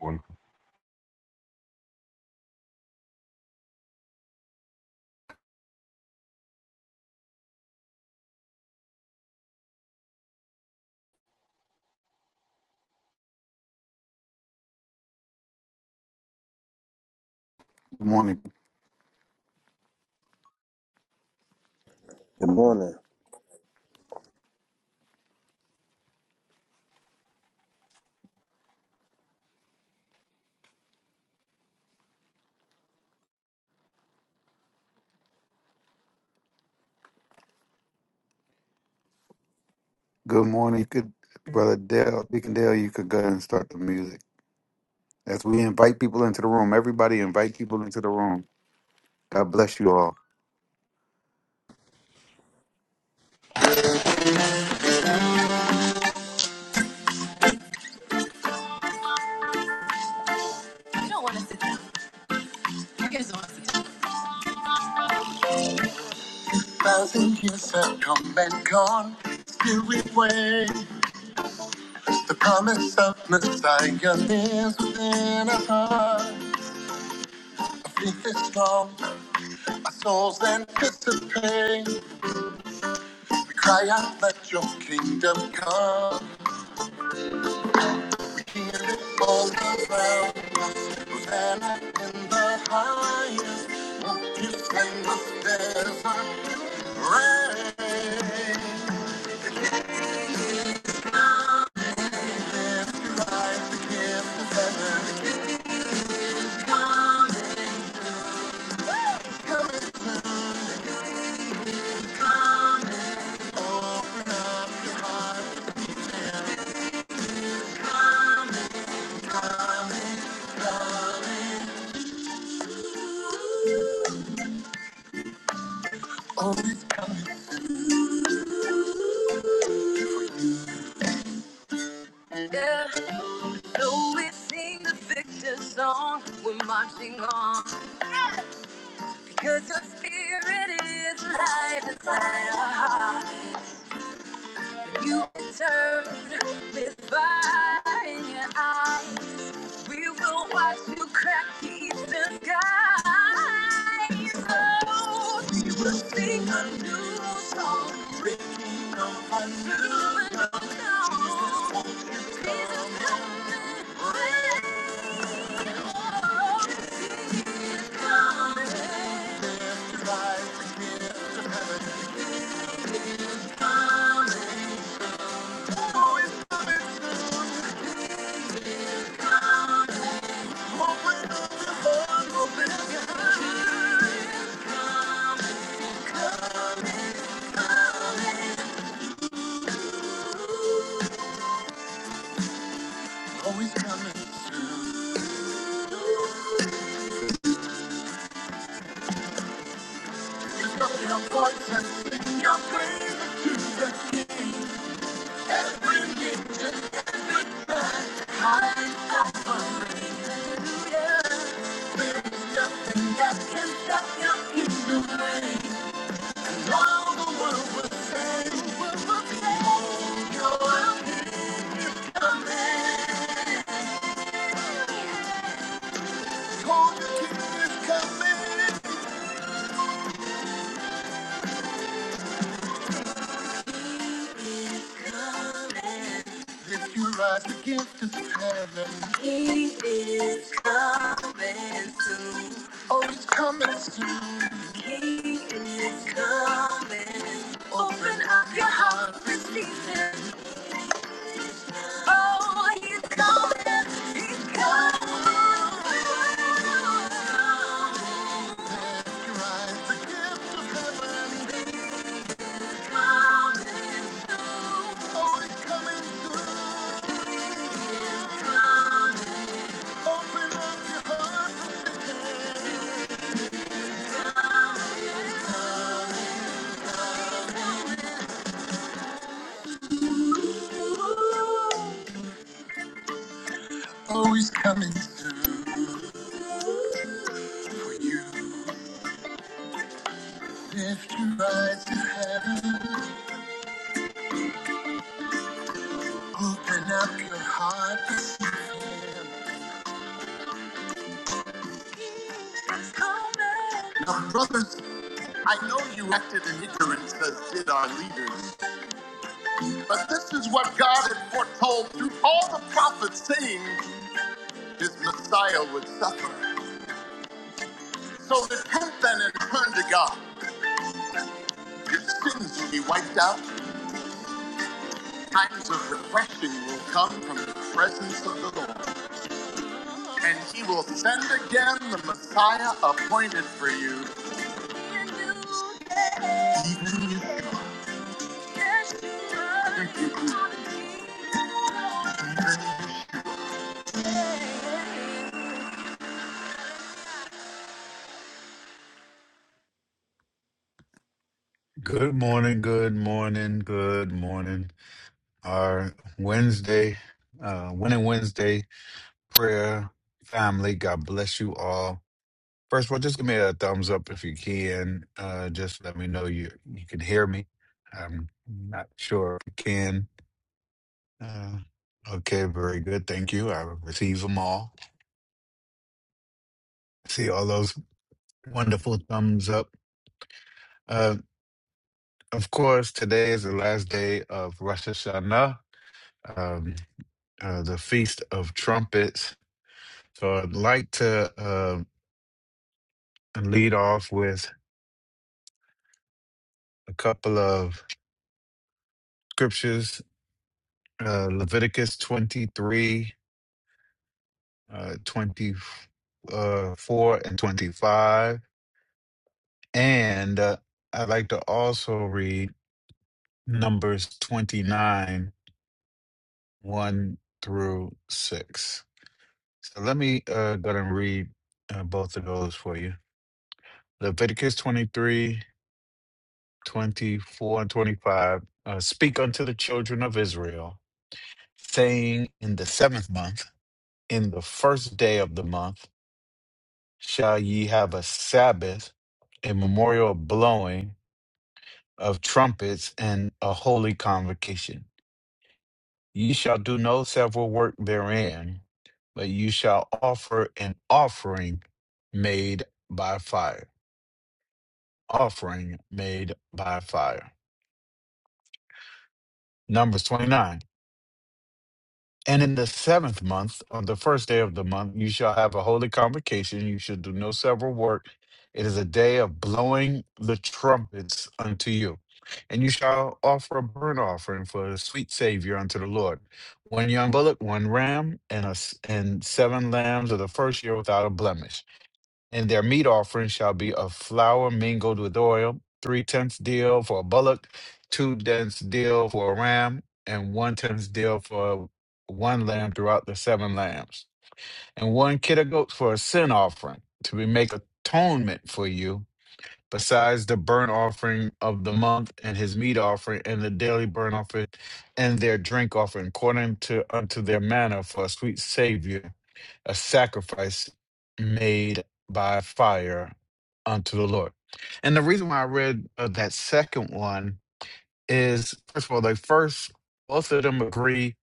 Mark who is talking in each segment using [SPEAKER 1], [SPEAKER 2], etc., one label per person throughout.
[SPEAKER 1] Morning.
[SPEAKER 2] Good morning.
[SPEAKER 3] Good morning.
[SPEAKER 2] Good morning. You could, Brother Dale, Deacon Dale, you could go ahead and start the music. As we invite people into the room, everybody invite people into the room. God bless you all.
[SPEAKER 3] You don't want to sit down. You guys don't want to sit down. Thousand years have come and gone. Still we wait. The promise of Messiah lives within our heart. Our faith is strong. Our souls anticipate. We cry out, let your kingdom come. Hear it all around us. Hosanna in the highest. Won't you send us desert rain? Rise the gift of heaven. always coming. Yeah, though we sing the victor song, we're marching on. Because your spirit is light inside our heart. You turned with fire in your eyes. We will watch you crack the eastern skies. Oh, we will sing a new song. Always coming through. Lift up your voice and sing your praise to the high. Hallelujah. If you rise against the heaven, he is coming soon. Oh, he's coming soon. He is coming. Open up your heart, receive him. Oh, he's coming. He's coming. Take right, The gift of heaven. He's coming through. Oh, he's coming through. Open up your heart and begin. Oh, he's coming through. Lift your eyes to heaven. Open up your heart to see him. Now, brothers, I know you acted in ignorance, as did our leaders, but this is what God had foretold through all the prophets, saying his Messiah would suffer. So repent then and turn to God. Your sins will be wiped out. Times of refreshing will come from the presence of the Lord. And he will send again the Messiah appointed for you. even you.
[SPEAKER 2] Good morning, good morning, good morning. Our Wednesday, uh, Winning Wednesday prayer family, God bless you all. First of all, just give me a thumbs up if you can. Uh, just let me know you you can hear me. I'm not sure if you can. Uh, okay, very good. Thank you. I receive them all. See all those wonderful thumbs up. Uh, of course, today is the last day of Rosh Hashanah, um, uh, the Feast of Trumpets. So I'd like to uh, lead off with a couple of scriptures uh, Leviticus 23, uh, 24, and 25. And uh, I'd like to also read. Numbers 29, 1 through 6. So let me uh, go ahead and read uh, both of those for you. Leviticus 23, 24, and 25. Uh, Speak unto the children of Israel, saying, In the seventh month, in the first day of the month, shall ye have a Sabbath, a memorial of blowing of trumpets, and a holy convocation. Ye shall do no several work therein, but you shall offer an offering made by fire. Offering made by fire. Numbers 29. And in the seventh month, on the first day of the month, you shall have a holy convocation. You shall do no several work. It is a day of blowing the trumpets unto you. And you shall offer a burnt offering for a sweet Savior unto the Lord. One young bullock, one ram, and, a s and seven lambs of the first year without a blemish and their meat offering shall be of flour mingled with oil, three tenths deal for a bullock, two tenths deal for a ram, and one tenth deal for one lamb throughout the seven lambs, and one kid of goats for a sin offering to be make atonement for you, besides the burnt offering of the month and his meat offering and the daily burnt offering and their drink offering, according to unto their manner for a sweet savior a sacrifice made by fire unto the Lord. And the reason why I read uh, that second one is, first of all, they first, both of them agree,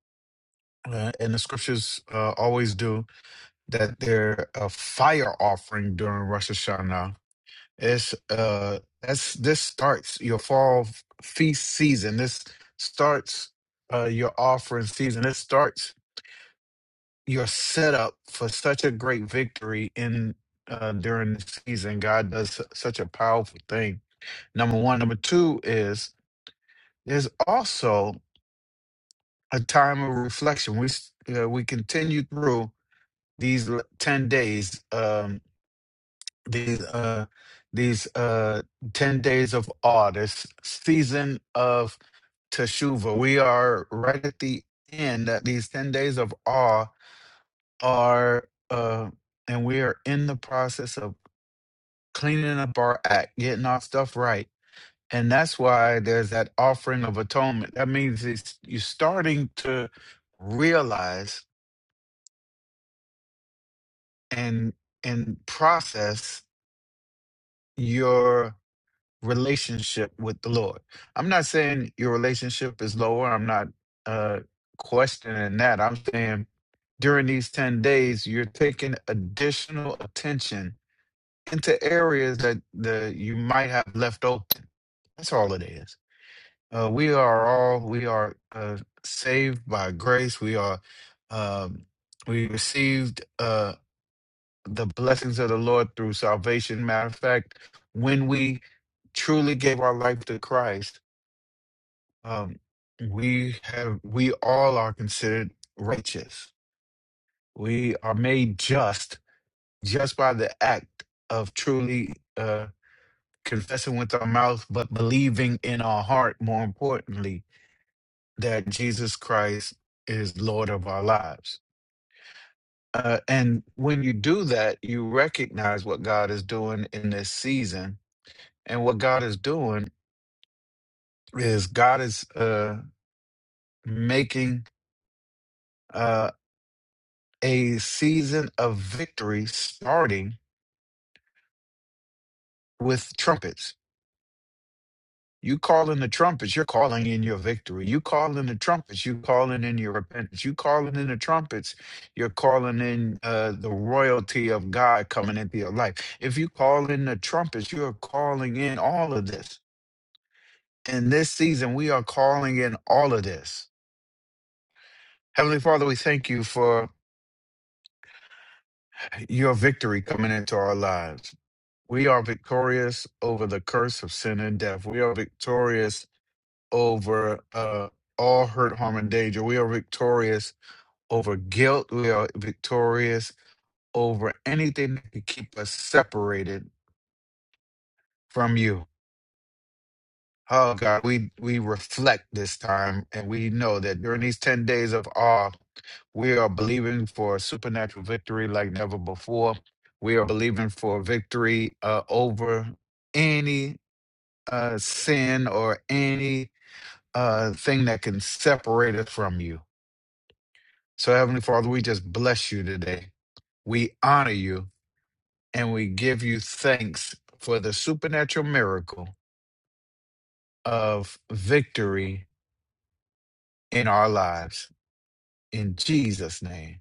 [SPEAKER 2] uh, and the scriptures uh, always do, that they're a fire offering during Rosh Hashanah. It's, uh, that's, this starts your fall feast season. This starts uh, your offering season. It starts you're set up for such a great victory in uh, during the season. God does su- such a powerful thing. Number one, number two is there's also a time of reflection. We s- uh, we continue through these l- ten days. Um, these uh, these uh, ten days of awe. This season of teshuvah, We are right at the end. That these ten days of awe are. Uh, and we are in the process of cleaning up our act, getting our stuff right. And that's why there's that offering of atonement. That means it's, you're starting to realize and and process your relationship with the Lord. I'm not saying your relationship is lower. I'm not uh, questioning that. I'm saying during these 10 days, you're taking additional attention into areas that the, you might have left open. That's all it is Uh, we are all we are uh, saved by grace. We are um, we received uh, the blessings of the Lord through salvation. Matter of fact, when we truly gave our life to Christ, um, we have we all are considered righteous. We are made just just by the act of truly uh, confessing with our mouth, but believing in our heart. More importantly, that Jesus Christ is Lord of our lives. Uh, and when you do that, you recognize what God is doing in this season. And what God is doing is God is uh, making uh, a season of victory starting with trumpets You calling the trumpets, you're calling in your victory. You calling the trumpets, you calling in your repentance. You calling in the trumpets, you're calling in uh, the royalty of God coming into your life. If you call in the trumpets, you are calling in all of this. In this season, we are calling in all of this. Heavenly Father, we thank you for your victory coming into our lives. We are victorious over the curse of sin and death. We are victorious over uh, all hurt, harm, and danger. We are victorious over guilt. We are victorious over anything that could keep us separated from you. Oh God, we we reflect this time, and we know that during these ten days of awe, we are believing for supernatural victory like never before. We are believing for victory uh, over any uh, sin or any uh, thing that can separate us from you. So, Heavenly Father, we just bless you today. We honor you and we give you thanks for the supernatural miracle of victory in our lives. In Jesus' name,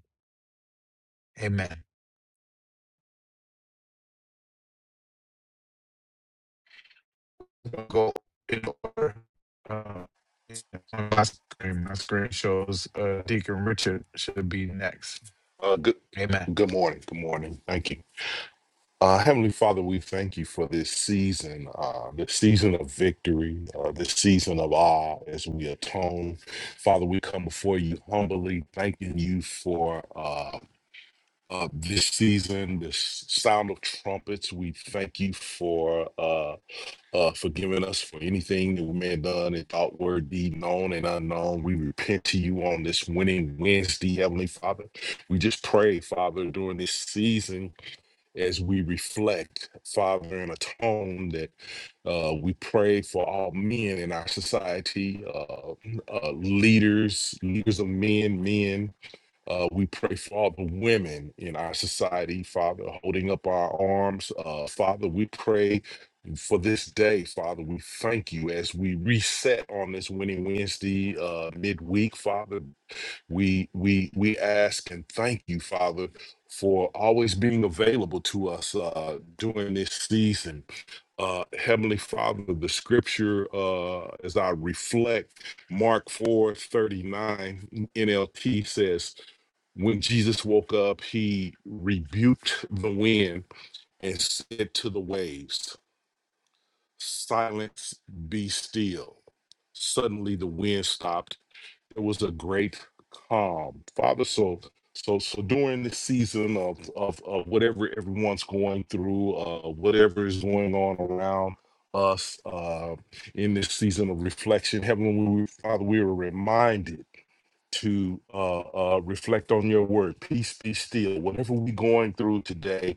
[SPEAKER 2] amen. We'll Go in order. Uh, on my screen, my screen shows uh, Deacon Richard should be next.
[SPEAKER 1] Uh, good,
[SPEAKER 2] Amen.
[SPEAKER 1] good morning. Good morning. Thank you. Uh, Heavenly Father, we thank you for this season, uh, this season of victory, uh, this season of awe as we atone. Father, we come before you humbly, thanking you for uh, uh, this season, this sound of trumpets. We thank you for. uh, uh, forgiving us for anything that we may have done in thought, word, deed, known and unknown. We repent to you on this winning Wednesday, Heavenly Father. We just pray, Father, during this season as we reflect, Father, and atone that uh, we pray for all men in our society, uh, uh, leaders, leaders of men, men. Uh, we pray for all the women in our society, Father, holding up our arms. Uh, Father, we pray for this day, Father. We thank you as we reset on this Winning Wednesday uh, midweek, Father. We we we ask and thank you, Father, for always being available to us uh, during this season. Uh, Heavenly Father, the Scripture uh, as I reflect, Mark four thirty nine NLT says. When Jesus woke up, he rebuked the wind and said to the waves, Silence, be still. Suddenly the wind stopped. There was a great calm. Father, so so so during this season of of, of whatever everyone's going through, uh, whatever is going on around us uh, in this season of reflection, Heavenly Father, we were reminded to uh, uh, reflect on your word. Peace be still. Whatever we're going through today,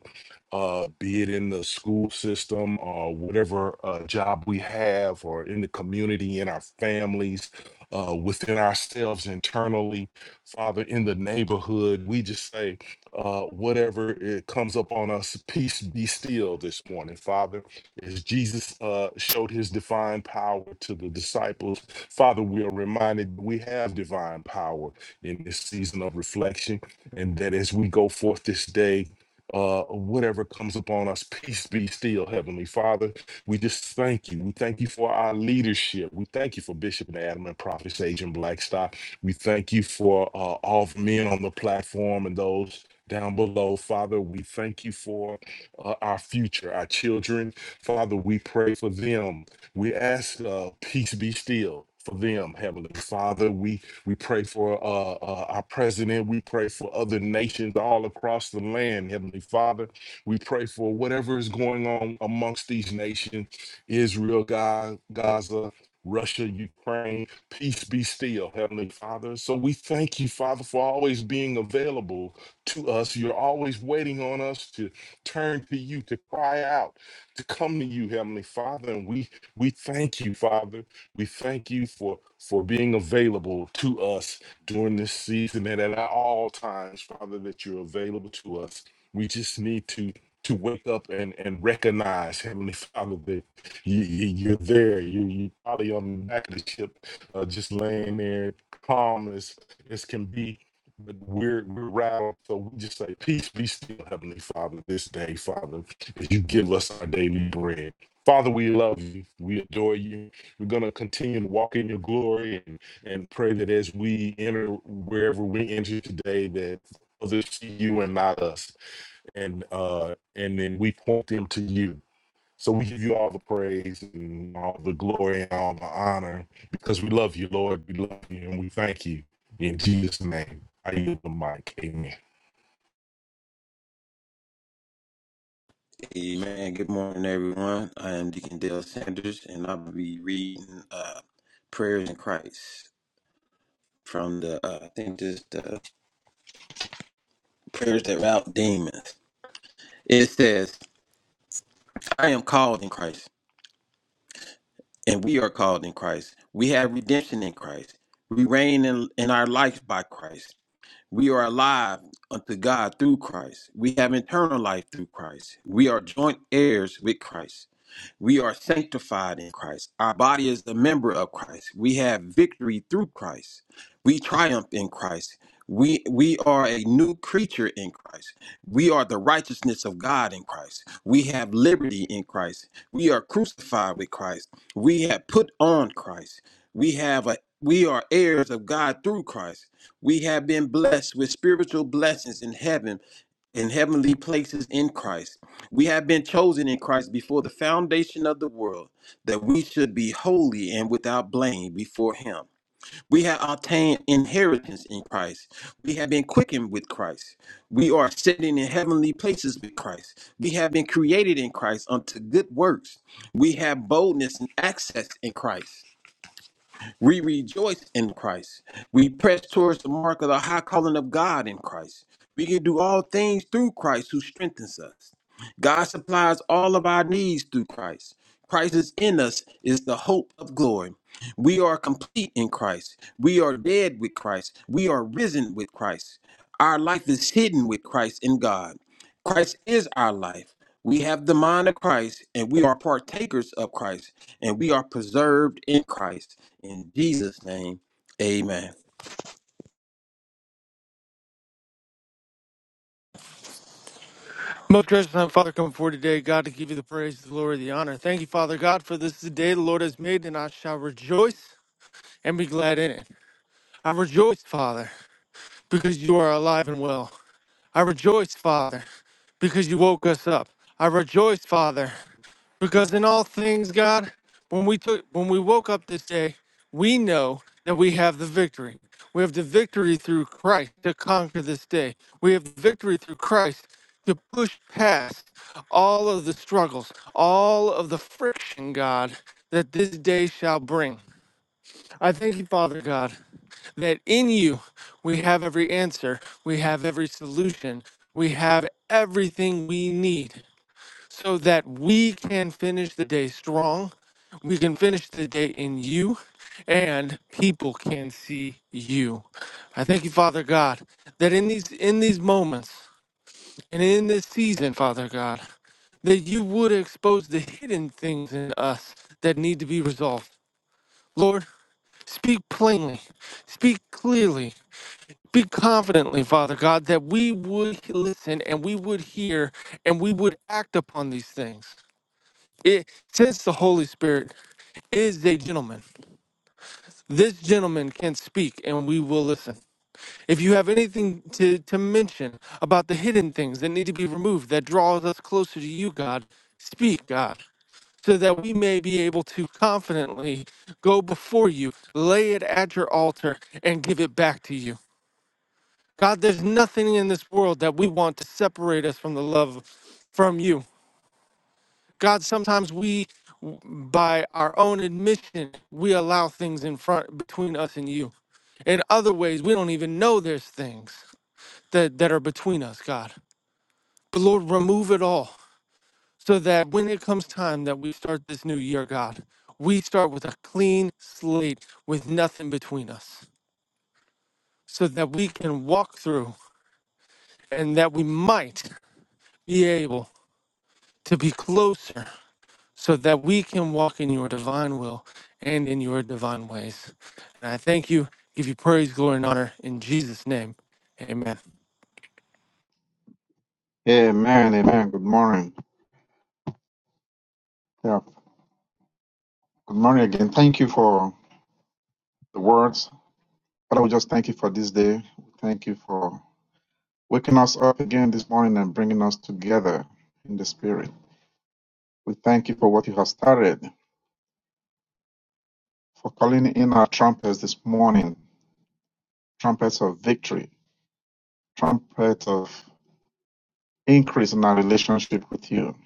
[SPEAKER 1] uh, be it in the school system or whatever uh, job we have, or in the community, in our families, uh, within ourselves internally, Father, in the neighborhood, we just say, uh, whatever it comes up on us, peace be still this morning, Father. As Jesus uh, showed his divine power to the disciples, Father, we are reminded we have divine power in this season of reflection, and that as we go forth this day, uh, whatever comes upon us, peace be still, Heavenly Father. We just thank you. We thank you for our leadership. We thank you for Bishop and Adam and Prophet Sage and Blackstock. We thank you for uh, all the men on the platform and those down below. Father, we thank you for uh, our future, our children Father, we pray for them. We ask, uh, peace be still. For them, Heavenly Father, we we pray for uh, uh, our president. We pray for other nations all across the land, Heavenly Father. We pray for whatever is going on amongst these nations, Israel, Ga- Gaza, Russia, Ukraine. Peace be still, Heavenly Father. So we thank you, Father, for always being available to us. You're always waiting on us to turn to you, to cry out to come to you, Heavenly Father, and we we thank you, Father. We thank you for for being available to us during this season and at all times, Father, that you're available to us. We just need to to wake up and and recognize, Heavenly Father, that you, you- you're there. You you probably on the back of the ship, uh, just laying there, calm as as can be, but we're we're round, so we just say, Peace be still, Heavenly Father, this day, Father, as you give us our daily bread. Father, we love you. We adore you. We're going to continue to walk in your glory and, and pray that as we enter wherever we enter today, that others see you and not us. And uh, and then we point them to you. So we give you all the praise and all the glory and all the honor because we love you, Lord. We love you and we thank you. In Jesus' name, I yield the mic. Amen.
[SPEAKER 3] Amen. Good morning, everyone. I am Deacon Dale Sanders, and I'll be reading uh, Prayers in Christ from the, uh, I think, just the prayers that rout demons. It says, I am called in Christ, and we are called in Christ. We have redemption in Christ. We reign in, in our lives by Christ. We are alive unto God through Christ. We have eternal life through Christ. We are joint heirs with Christ. We are sanctified in Christ. Our body is a member of Christ. We have victory through Christ. We triumph in Christ. We we are a new creature in Christ. We are the righteousness of God in Christ. We have liberty in Christ. We are crucified with Christ. We have put on Christ. We have a we are heirs of God through Christ. We have been blessed with spiritual blessings in heaven in heavenly places in Christ. We have been chosen in Christ before the foundation of the world, that we should be holy and without blame before Him. We have obtained inheritance in Christ. We have been quickened with Christ. We are sitting in heavenly places with Christ. We have been created in Christ unto good works. We have boldness and access in Christ. We rejoice in Christ. We press towards the mark of the high calling of God in Christ. We can do all things through Christ who strengthens us. God supplies all of our needs through Christ. Christ is in us, is the hope of glory. We are complete in Christ. We are dead with Christ. We are risen with Christ. Our life is hidden with Christ in God. Christ is our life. We have the mind of Christ and we are partakers of Christ and we are preserved in Christ. In Jesus' name, amen.
[SPEAKER 4] Most gracious and Father, come forward today, God, to give you the praise, the glory, the honor. Thank you, Father God, for this is the day the Lord has made, and I shall rejoice and be glad in it. I rejoice, Father, because you are alive and well. I rejoice, Father, because you woke us up. I rejoice, Father, because in all things, God, when we took when we woke up this day, we know that we have the victory. We have the victory through Christ to conquer this day. We have the victory through Christ to push past all of the struggles, all of the friction, God, that this day shall bring. I thank you, Father God, that in you we have every answer, we have every solution, we have everything we need so that we can finish the day strong. We can finish the day in you, and people can see you. I thank you, Father God, that in these in these moments and in this season, Father God, that you would expose the hidden things in us that need to be resolved. Lord, speak plainly, speak clearly, speak confidently, Father God, that we would listen and we would hear and we would act upon these things. It since the Holy Spirit is a gentleman, this gentleman can speak and we will listen. If you have anything to, to mention about the hidden things that need to be removed that draws us closer to you, God, speak, God, so that we may be able to confidently go before you, lay it at your altar, and give it back to you. God, there's nothing in this world that we want to separate us from the love from you. God, sometimes we, by our own admission, we allow things in front between us and you. In other ways, we don't even know there's things that, that are between us, God. But Lord, remove it all so that when it comes time that we start this new year, God, we start with a clean slate with nothing between us so that we can walk through and that we might be able to be closer so that we can walk in your divine will and in your divine ways. And I thank you, give you praise, glory, and honor in Jesus' name. Amen.
[SPEAKER 5] Amen, amen. Good morning. Yeah. Good morning again. Thank you for the words. Father, we just thank you for this day. We Thank you for waking us up again this morning and bringing us together in the spirit. We thank you for what you have started, for calling in our trumpets this morning, trumpets of victory, trumpets of increase in our relationship with you.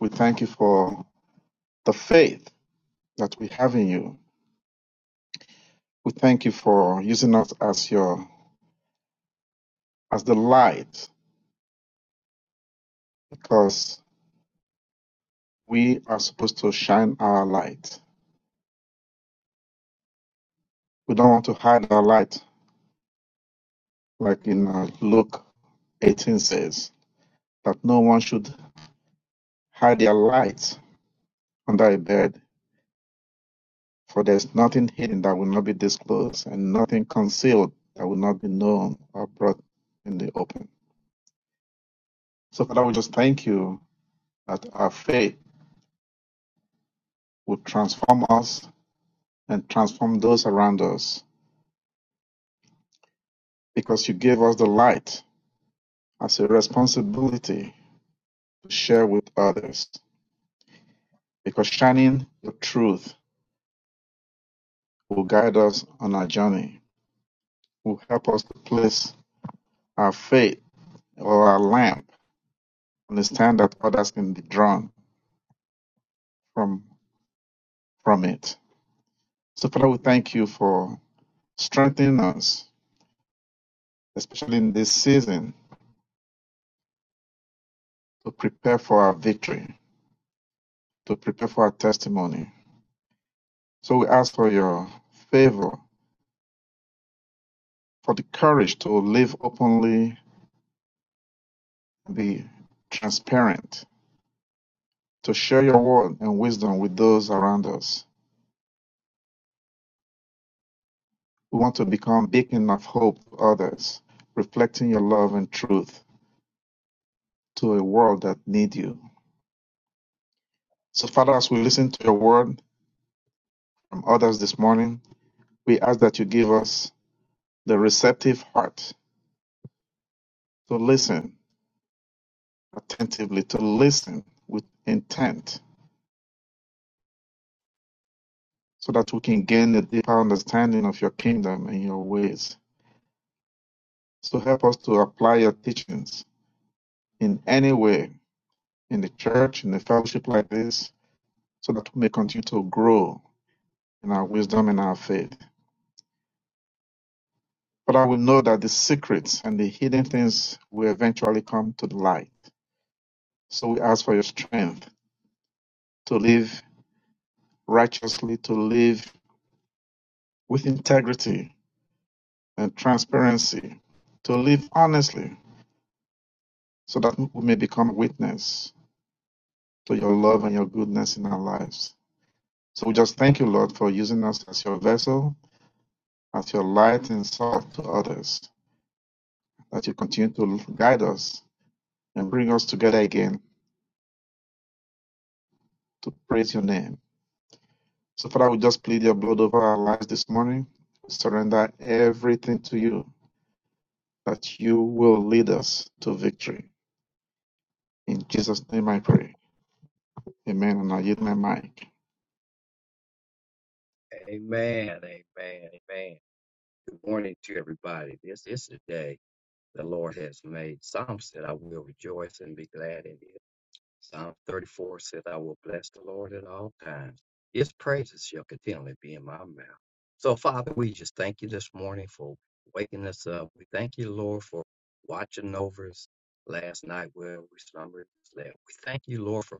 [SPEAKER 5] We thank you for the faith that we have in you. We thank you for using us as your as the light because. we are supposed to shine our light. We don't want to hide our light, like in uh, Luke 18 says, that no one should hide their light under a bed, for there's nothing hidden that will not be disclosed, and nothing concealed that will not be known or brought in the open. So, Father, we just thank you that our faith will transform us and transform those around us, because you gave us the light as a responsibility to share with others. because shining the truth will guide us on our journey, will help us to place our faith or our lamp, understand that others can be drawn from from it. So Father, we thank you for strengthening us, especially in this season, to prepare for our victory, to prepare for our testimony. So we ask for your favor, for the courage to live openly, be transparent, to share your word and wisdom with those around us We want to become a beacon of hope for others, reflecting your love and truth to a world that needs you. So, Father, as we listen to your word from others this morning, we ask that you give us the receptive heart to listen attentively, to listen with intent, so that we can gain a deeper understanding of your kingdom and your ways. So, help us to apply your teachings in any way in the church, in the fellowship like this, so that we may continue to grow in our wisdom and our faith. But I will know that the secrets and the hidden things will eventually come to the light. So we ask for your strength to live righteously, to live with integrity and transparency, to live honestly, so that we may become a witness to your love and your goodness in our lives. So we just thank you, Lord, for using us as your vessel, as your light and salt to others, that you continue to guide us and bring us together again to praise your name. So, Father, we just plead your blood over our lives this morning. Surrender everything to you that you will lead us to victory. In Jesus' name I pray. Amen. And I yield my mic.
[SPEAKER 6] Amen. Amen. Amen. Good morning to everybody. This is the day the Lord has made. Psalm said, I will rejoice and be glad in it. Psalm 34 said, I will bless the Lord at all times. His praises shall continually be in my mouth. So, Father, we just thank you this morning for waking us up. We thank you, Lord, for watching over us last night where we slumbered and slept. We thank you, Lord, for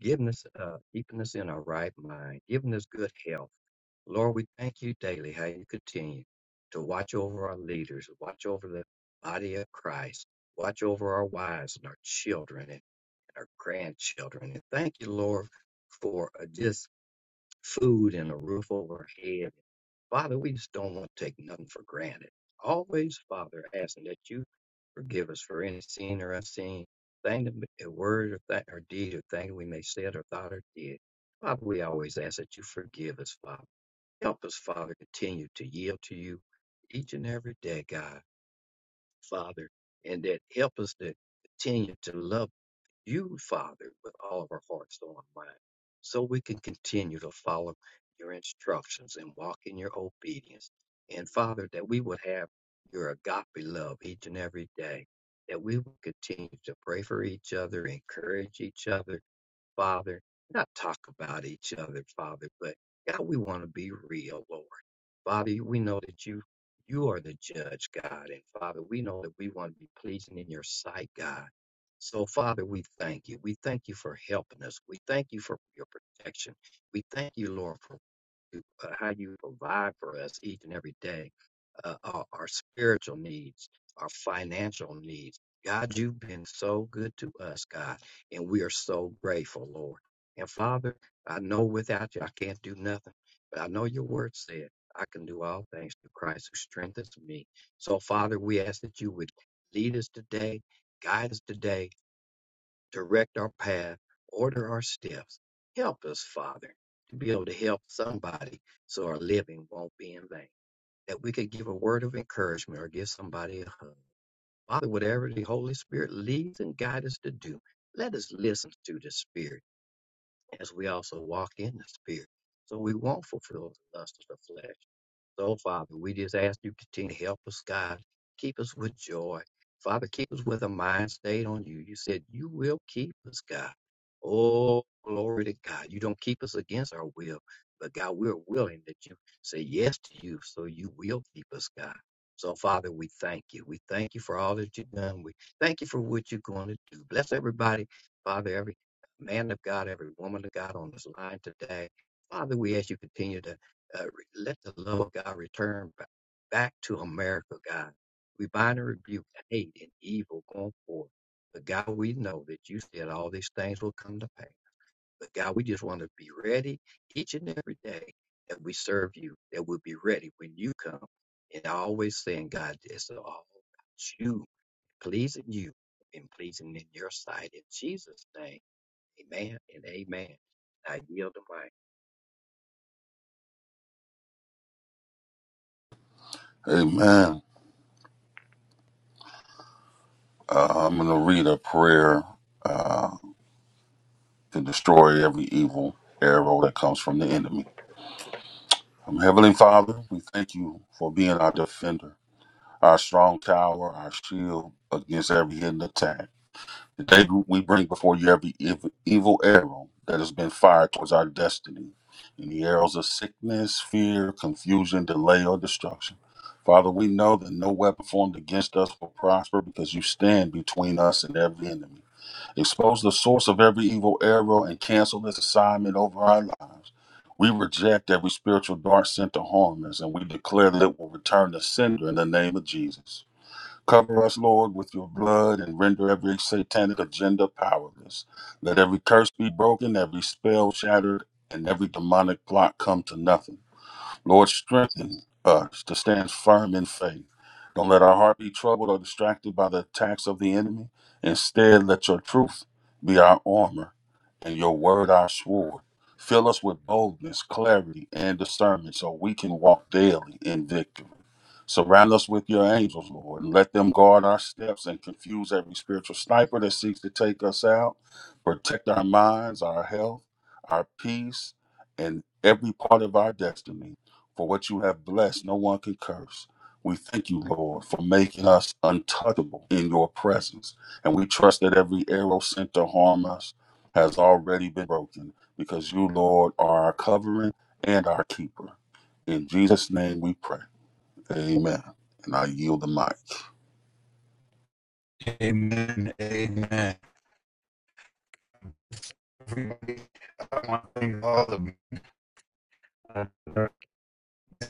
[SPEAKER 6] giving us, uh, keeping us in our right mind, giving us good health Lord, we thank you daily how you continue to watch over our leaders, watch over the body of Christ, watch over our wives and our children and our grandchildren. And thank you, Lord, for uh, just food and a roof over our head. Father, we just don't want to take nothing for granted. Always, Father, asking that you forgive us for any sin or unseen thing, that a word or, th- or deed or thing we may said or thought or did. Father, we always ask that you forgive us, Father. Help us, Father, continue to yield to you each and every day, God, Father, and that help us to continue to love you, Father, with all of our hearts, soul, and mind, so we can continue to follow your instructions and walk in your obedience. And Father, that we would have your agape love each and every day, that we will continue to pray for each other, encourage each other Father, not talk about each other, Father, but God, we want to be real, Lord. Father, we know that you you are the judge, God, and Father, we know that we want to be pleasing in your sight, God. So, Father, we thank you. We thank you for helping us. We thank you for your protection. We thank you, Lord, for uh, how you provide for us each and every day, uh, our, our spiritual needs, our financial needs. God, you've been so good to us, God, and we are so grateful, Lord. And Father, I know without you I can't do nothing, but I know your word said I can do all things through Christ who strengthens me. So, Father, we ask that you would lead us today, guide us today, direct our path, order our steps. Help us, Father, to be able to help somebody so our living won't be in vain. That we could give a word of encouragement or give somebody a hug. Father, whatever the Holy Spirit leads and guides us to do, let us listen to the Spirit as we also walk in the Spirit. So we won't fulfill the lust of the flesh. So, Father, we just ask you to continue to help us, God. Keep us with joy. Father, keep us with a mind stayed on you. You said you will keep us, God. Oh, glory to God. You don't keep us against our will, but God, we're willing that you say yes to you, so you will keep us, God. So, Father, we thank you. We thank you for all that you've done. We thank you for what you're going to do. Bless everybody, Father, every man of God, every woman of God on this line today. Father, we ask you continue to. uh, let the love of God return ba- back to America, God. We bind and rebuke hate and evil going forward. But God, we know that you said all these things will come to pass. But God, we just want to be ready each and every day that we serve you, that we'll be ready when you come. And always saying, God, it's all about you, pleasing you, and pleasing in your sight. In Jesus' name, amen and amen. I yield the mic.
[SPEAKER 7] Amen. Uh, I'm going to read a prayer uh, to destroy every evil arrow that comes from the enemy. Um, Heavenly Father, we thank you for being our defender, our strong tower, our shield against every hidden attack. Today, we bring before you every ev- evil arrow that has been fired towards our destiny, any arrows of sickness, fear, confusion, delay, or destruction. Father, we know that no weapon formed against us will prosper because you stand between us and every enemy. Expose the source of every evil arrow and cancel its assignment over our lives. We reject every spiritual dart sent to harm us, and we declare that it will return to sender in the name of Jesus. Cover us, Lord, with your blood and render every satanic agenda powerless. Let every curse be broken, every spell shattered, and every demonic plot come to nothing. Lord, strengthen us to stand firm in faith. Don't let our heart be troubled or distracted by the attacks of the enemy. Instead, let your truth be our armor and your word our sword. Fill us with boldness, clarity, and discernment so we can walk daily in victory. Surround us with your angels, Lord, and let them guard our steps and confuse every spiritual sniper that seeks to take us out. Protect our minds, our health, our peace, and every part of our destiny. For what you have blessed, no one can curse. We thank you, Lord, for making us untouchable in your presence. And we trust that every arrow sent to harm us has already been broken, because you, Lord, are our covering and our keeper. In Jesus' name we pray. Amen. And I yield the mic.
[SPEAKER 2] Amen. Amen. Everybody, I want to thank all of you.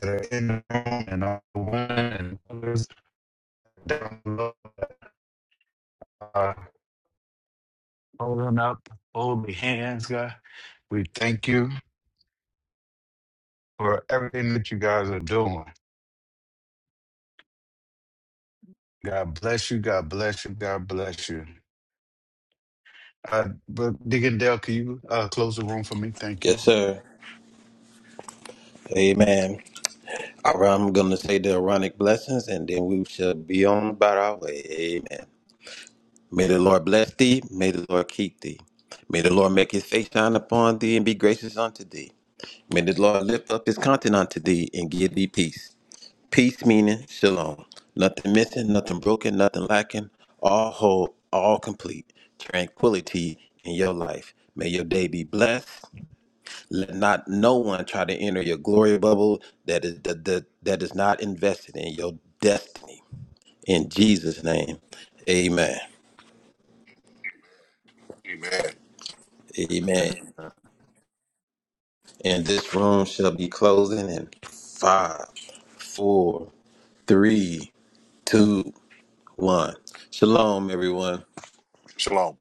[SPEAKER 2] that are in the room and all the women and others down below that are holding up, holding hands, God. We thank you for everything that you guys are doing. God bless you. God bless you. God bless you. Uh, but Deacon Dale, can you uh, close the room for me? Thank
[SPEAKER 3] Yes,
[SPEAKER 2] you.
[SPEAKER 3] sir. Amen. All right, I'm going to say the Aaronic blessings and then we shall be on about our way. Amen. May the Lord bless thee. May the Lord keep thee. May the Lord make his face shine upon thee and be gracious unto thee. May the Lord lift up his countenance unto thee and give thee peace. Peace meaning shalom. Nothing missing, nothing broken, nothing lacking. All whole, all complete. Tranquility in your life. May your day be blessed. Let not no one try to enter your glory bubble that is that, that, that is not invested in your destiny. In Jesus' name. Amen.
[SPEAKER 1] Amen.
[SPEAKER 3] Amen. And this room shall be closing in five, four, three, two, one. Shalom, everyone.
[SPEAKER 1] Shalom.